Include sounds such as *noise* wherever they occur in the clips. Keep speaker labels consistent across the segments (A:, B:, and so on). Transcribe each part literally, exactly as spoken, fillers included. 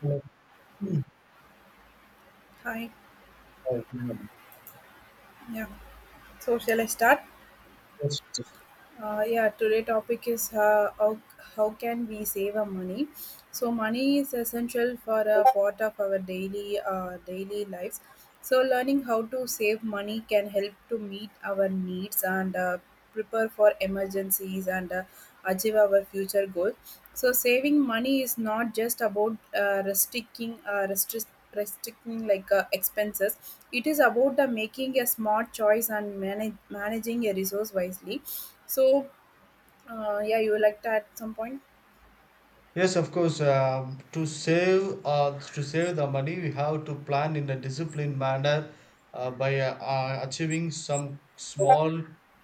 A: Yes,
B: Hi. Yeah. So shall I start? Uh, yeah. Today topic is uh, how how can we save our money? So money is essential for a part of our daily uh, daily lives. So learning how to save money can help to meet our needs and uh, prepare for emergencies and uh, achieve our future goals. So saving money is not just about uh, restricting, uh, restric- restricting like uh, expenses. It is about the making a smart choice and manage, managing a resource wisely. So uh, yeah, you would like to add some point?
A: Yes, of course. Uh, to save uh, to save the money, we have to plan in a disciplined manner uh, by uh, uh, achieving some small,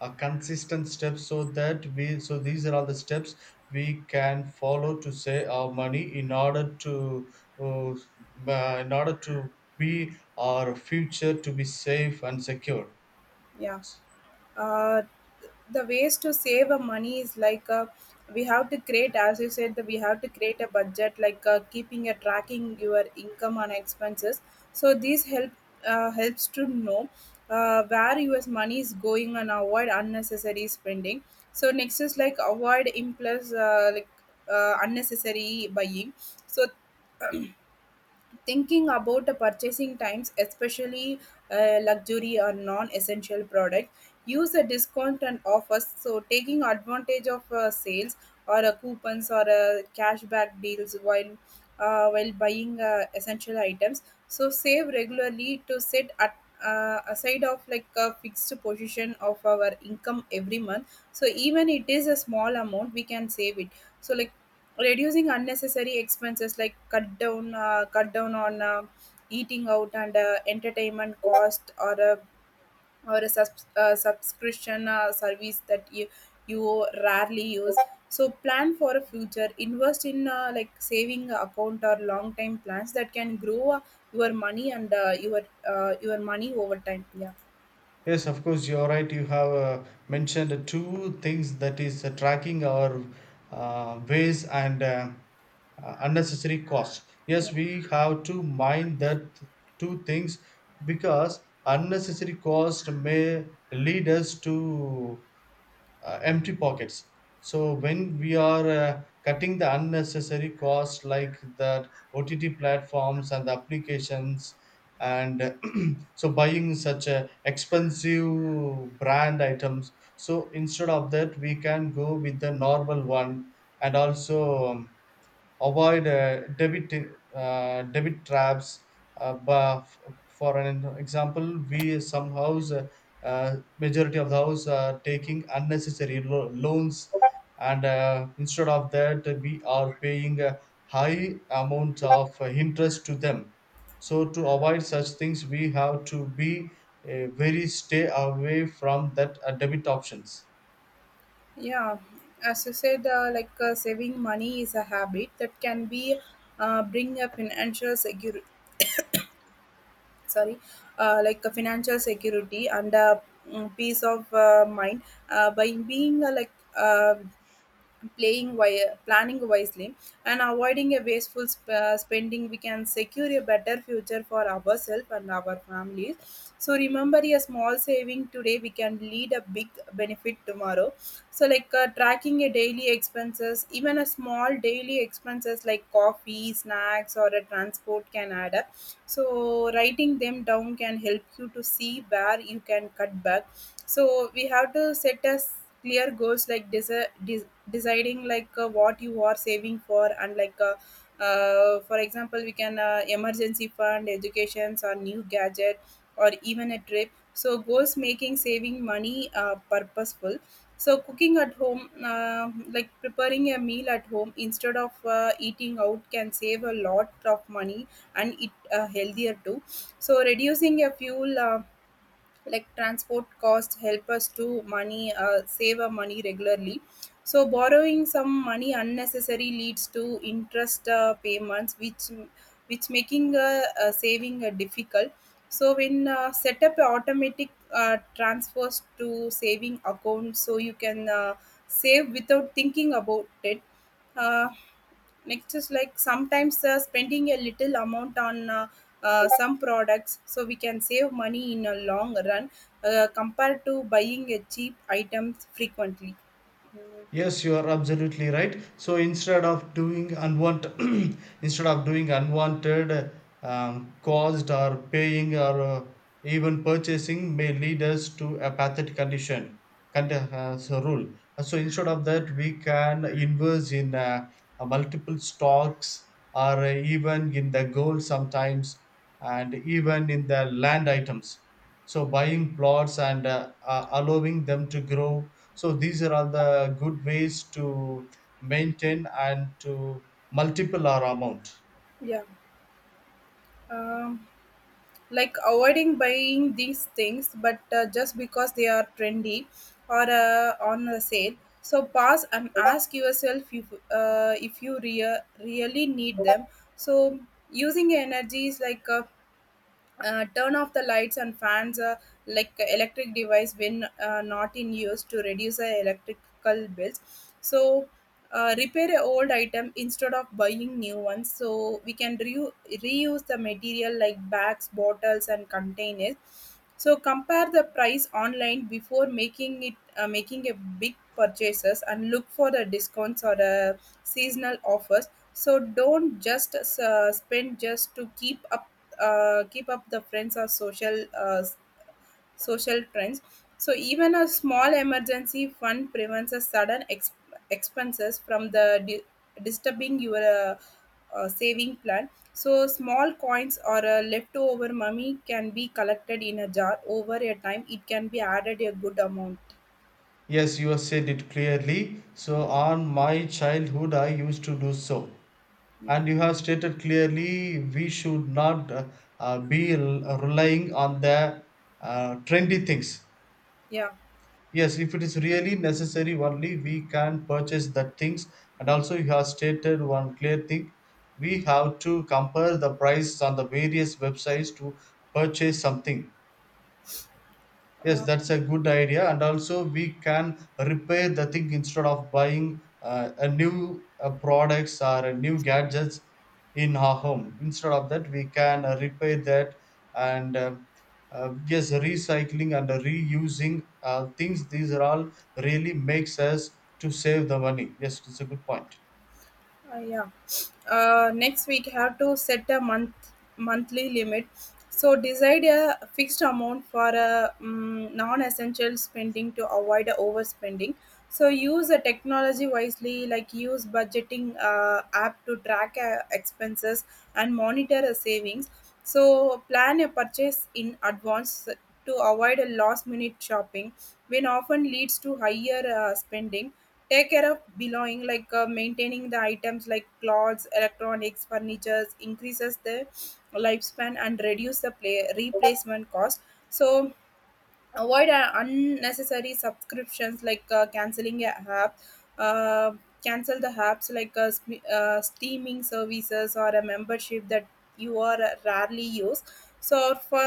A: uh, consistent steps. So that we so these are all the steps we can follow to save our money in order to uh, uh, in order to be our future to be safe and secure.
B: Yeah. uh, the ways to save a money is like uh, we have to create, as you said, that we have to create a budget, like uh, keeping a tracking your income and expenses, so this help uh, helps to know uh, where your money is going and avoid unnecessary spending. So next is like avoid impulse, uh, like uh, unnecessary buying. So thinking about the purchasing times, especially uh, luxury or non-essential products, use a discount and offers, so taking advantage of uh, sales or uh, coupons or uh, cashback deals while uh, while buying uh, essential items. So save regularly to set at uh, aside of like a fixed position of our income every month, so even it is a small amount we can save it. So like reducing unnecessary expenses, like cut down uh, cut down on uh, eating out and uh, entertainment cost, or a or a subs- uh, subscription uh, service that you you rarely use. So plan for a future, invest in uh, like saving account or long time plans that can grow uh, your money, and uh, your uh, your money over time. Yeah.
A: Yes, of course, you're right. You have uh, mentioned two things, that is uh, tracking our uh, ways and uh, uh, unnecessary cost.
B: Yeah.
A: Yes, we have to mind that two things, because unnecessary cost may lead us to uh, empty pockets. So when we are uh, cutting the unnecessary costs like the O T T platforms and the applications, and *clears throat* so buying such uh, expensive brand items, so instead of that we can go with the normal one. And also. Um, avoid uh, debit uh, debit traps. Uh, but f- for an example, we some house uh, uh, majority of the house are taking unnecessary lo- loans, and uh, instead of that, we are paying a high amount of uh, interest to them. So to avoid such things, we have to be uh, very stay away from that uh, debit options.
B: Yeah, as you said, uh, like uh, saving money is a habit that can be uh, bring a financial secure, sorry, uh, like a financial security and a mm, peace of uh, mind uh, by being uh, like uh, playing wi- planning wisely and avoiding a wasteful sp- uh, spending. We can secure a better future for ourselves and our families. So remember, a small saving today we can lead a big benefit tomorrow. So like uh, tracking a daily expenses, even a small daily expenses like coffee, snacks, or a transport can add up. So writing them down can help you to see where you can cut back. So we have to set us clear goals like desi- de- deciding like uh, what you are saving for, and like uh, uh, for example, we can uh, emergency fund, educations, or new gadget or even a trip. So goals making saving money uh, purposeful. So cooking at home, uh, like preparing a meal at home instead of uh, eating out can save a lot of money, and it uh, healthier too. So reducing a fuel uh, like transport cost, help us to money uh, save our money regularly. So borrowing some money unnecessary leads to interest uh, payments, which which making uh, uh, saving uh, difficult. So when uh, set up automatic uh, transfers to saving account, so you can uh, save without thinking about it. uh, Next is like sometimes uh, spending a little amount on uh, uh, some products, so we can save money in a long run uh, compared to buying a cheap items frequently.
A: Yes, you are absolutely right. So instead of doing unwanted, *clears throat* instead of doing unwanted um, caused or paying or uh, even purchasing may lead us to a pathetic condition. Con- uh, so rule. Uh, So instead of that, we can invest in uh, uh, multiple stocks or uh, even in the gold sometimes, and even in the land items. So buying plots and uh, uh, allowing them to grow, so these are all the good ways to maintain and to multiple our amount.
B: Yeah. um, like avoiding buying these things but uh, just because they are trendy or uh, on a sale. So pause and ask yourself if uh, if you rea- really need them. So using energy is like a uh, turn off the lights and fans, uh, like electric device when uh, not in use to reduce the electrical bills. So uh, repair a old item instead of buying new ones, so we can reu- reuse the material like bags, bottles, and containers. So compare the price online before making it uh, making a big purchases and look for the discounts or the seasonal offers. So don't just uh, spend just to keep up, uh, keep up the friends or social uh, s- social trends. So even a small emergency fund prevents a sudden ex- expenses from the di- disturbing your uh, uh, saving plan. So small coins or uh, leftover money can be collected in a jar over a time. It can be added a good amount.
A: Yes, you have said it clearly. So on my childhood, I used to do so.
B: Yeah,
A: And you have stated clearly we should not uh, uh, be rel- relying on the uh, trendy things.
B: yeah.
A: Yes, if it is really necessary only, we can purchase that things. And also, you have stated one clear thing. We have to compare the price on the various websites to purchase something. Yes,
B: Uh,
A: that's a good idea. And also, we can repair the thing instead of buying uh, a new uh, products or a new gadgets in our home. Instead of that, we can uh, repair that and uh, uh, yes, recycling and reusing uh, things. These are all really makes us to save the money. Yes, it's a good point.
B: Uh, yeah. Uh, next week have to set a month monthly limit. So decide a fixed amount for a mm non-essential spending to avoid a overspending. So use the technology wisely, like use budgeting uh, app to track uh, expenses and monitor a savings. So plan a purchase in advance to avoid a last-minute shopping, which often leads to higher uh, spending. Take care of belonging, like uh, maintaining the items like clothes, electronics, furnitures increases the lifespan and reduce the play- replacement cost. So avoid uh, unnecessary subscriptions, like uh, canceling a app, uh, cancel the apps like uh, sp- uh, streaming services or a membership that you are uh, rarely use. So for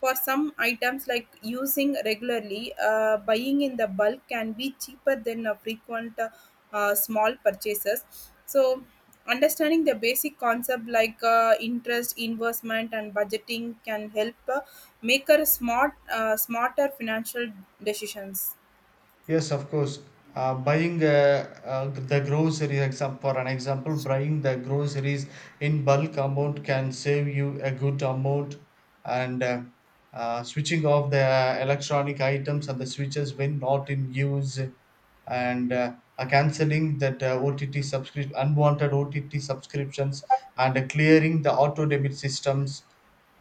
B: for some items like using regularly, uh, buying in the bulk can be cheaper than uh, frequent uh, uh, small purchases. So understanding the basic concept like uh, interest, investment, and budgeting can help uh, make her smart uh, smarter financial decisions.
A: Yes, of course. Uh, buying uh, uh, the groceries, except for an example, buying the groceries in bulk amount can save you a good amount, and uh, uh, switching off the electronic items and the switches when not in use, and uh, uh, cancelling that uh, O T T subscription, unwanted O T T subscriptions, and uh, clearing the auto debit systems.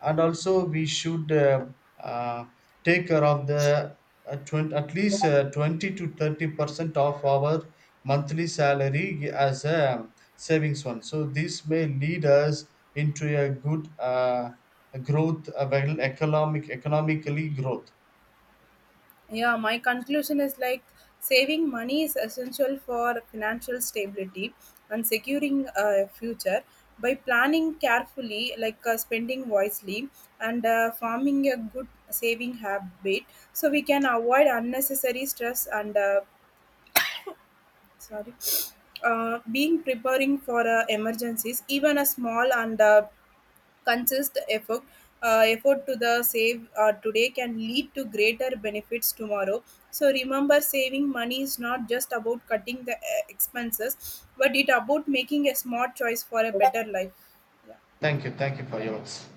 A: And also, we should uh, uh, take care of the uh, twenty, at least uh, twenty to thirty percent of our monthly salary as a savings one. So this may lead us into a good uh, growth, a well economic, economically growth.
B: Yeah, my conclusion is like saving money is essential for financial stability and securing a future by planning carefully, like uh, spending wisely and uh, forming a good saving habit. So we can avoid unnecessary stress and uh, sorry, uh, being preparing for uh, emergencies. Even a small and uh, consist effort uh, effort to the save uh, today can lead to greater benefits tomorrow. So remember, saving money is not just about cutting the uh, expenses, but it about making a smart choice for a better life.
A: Thank you, thank you for yours.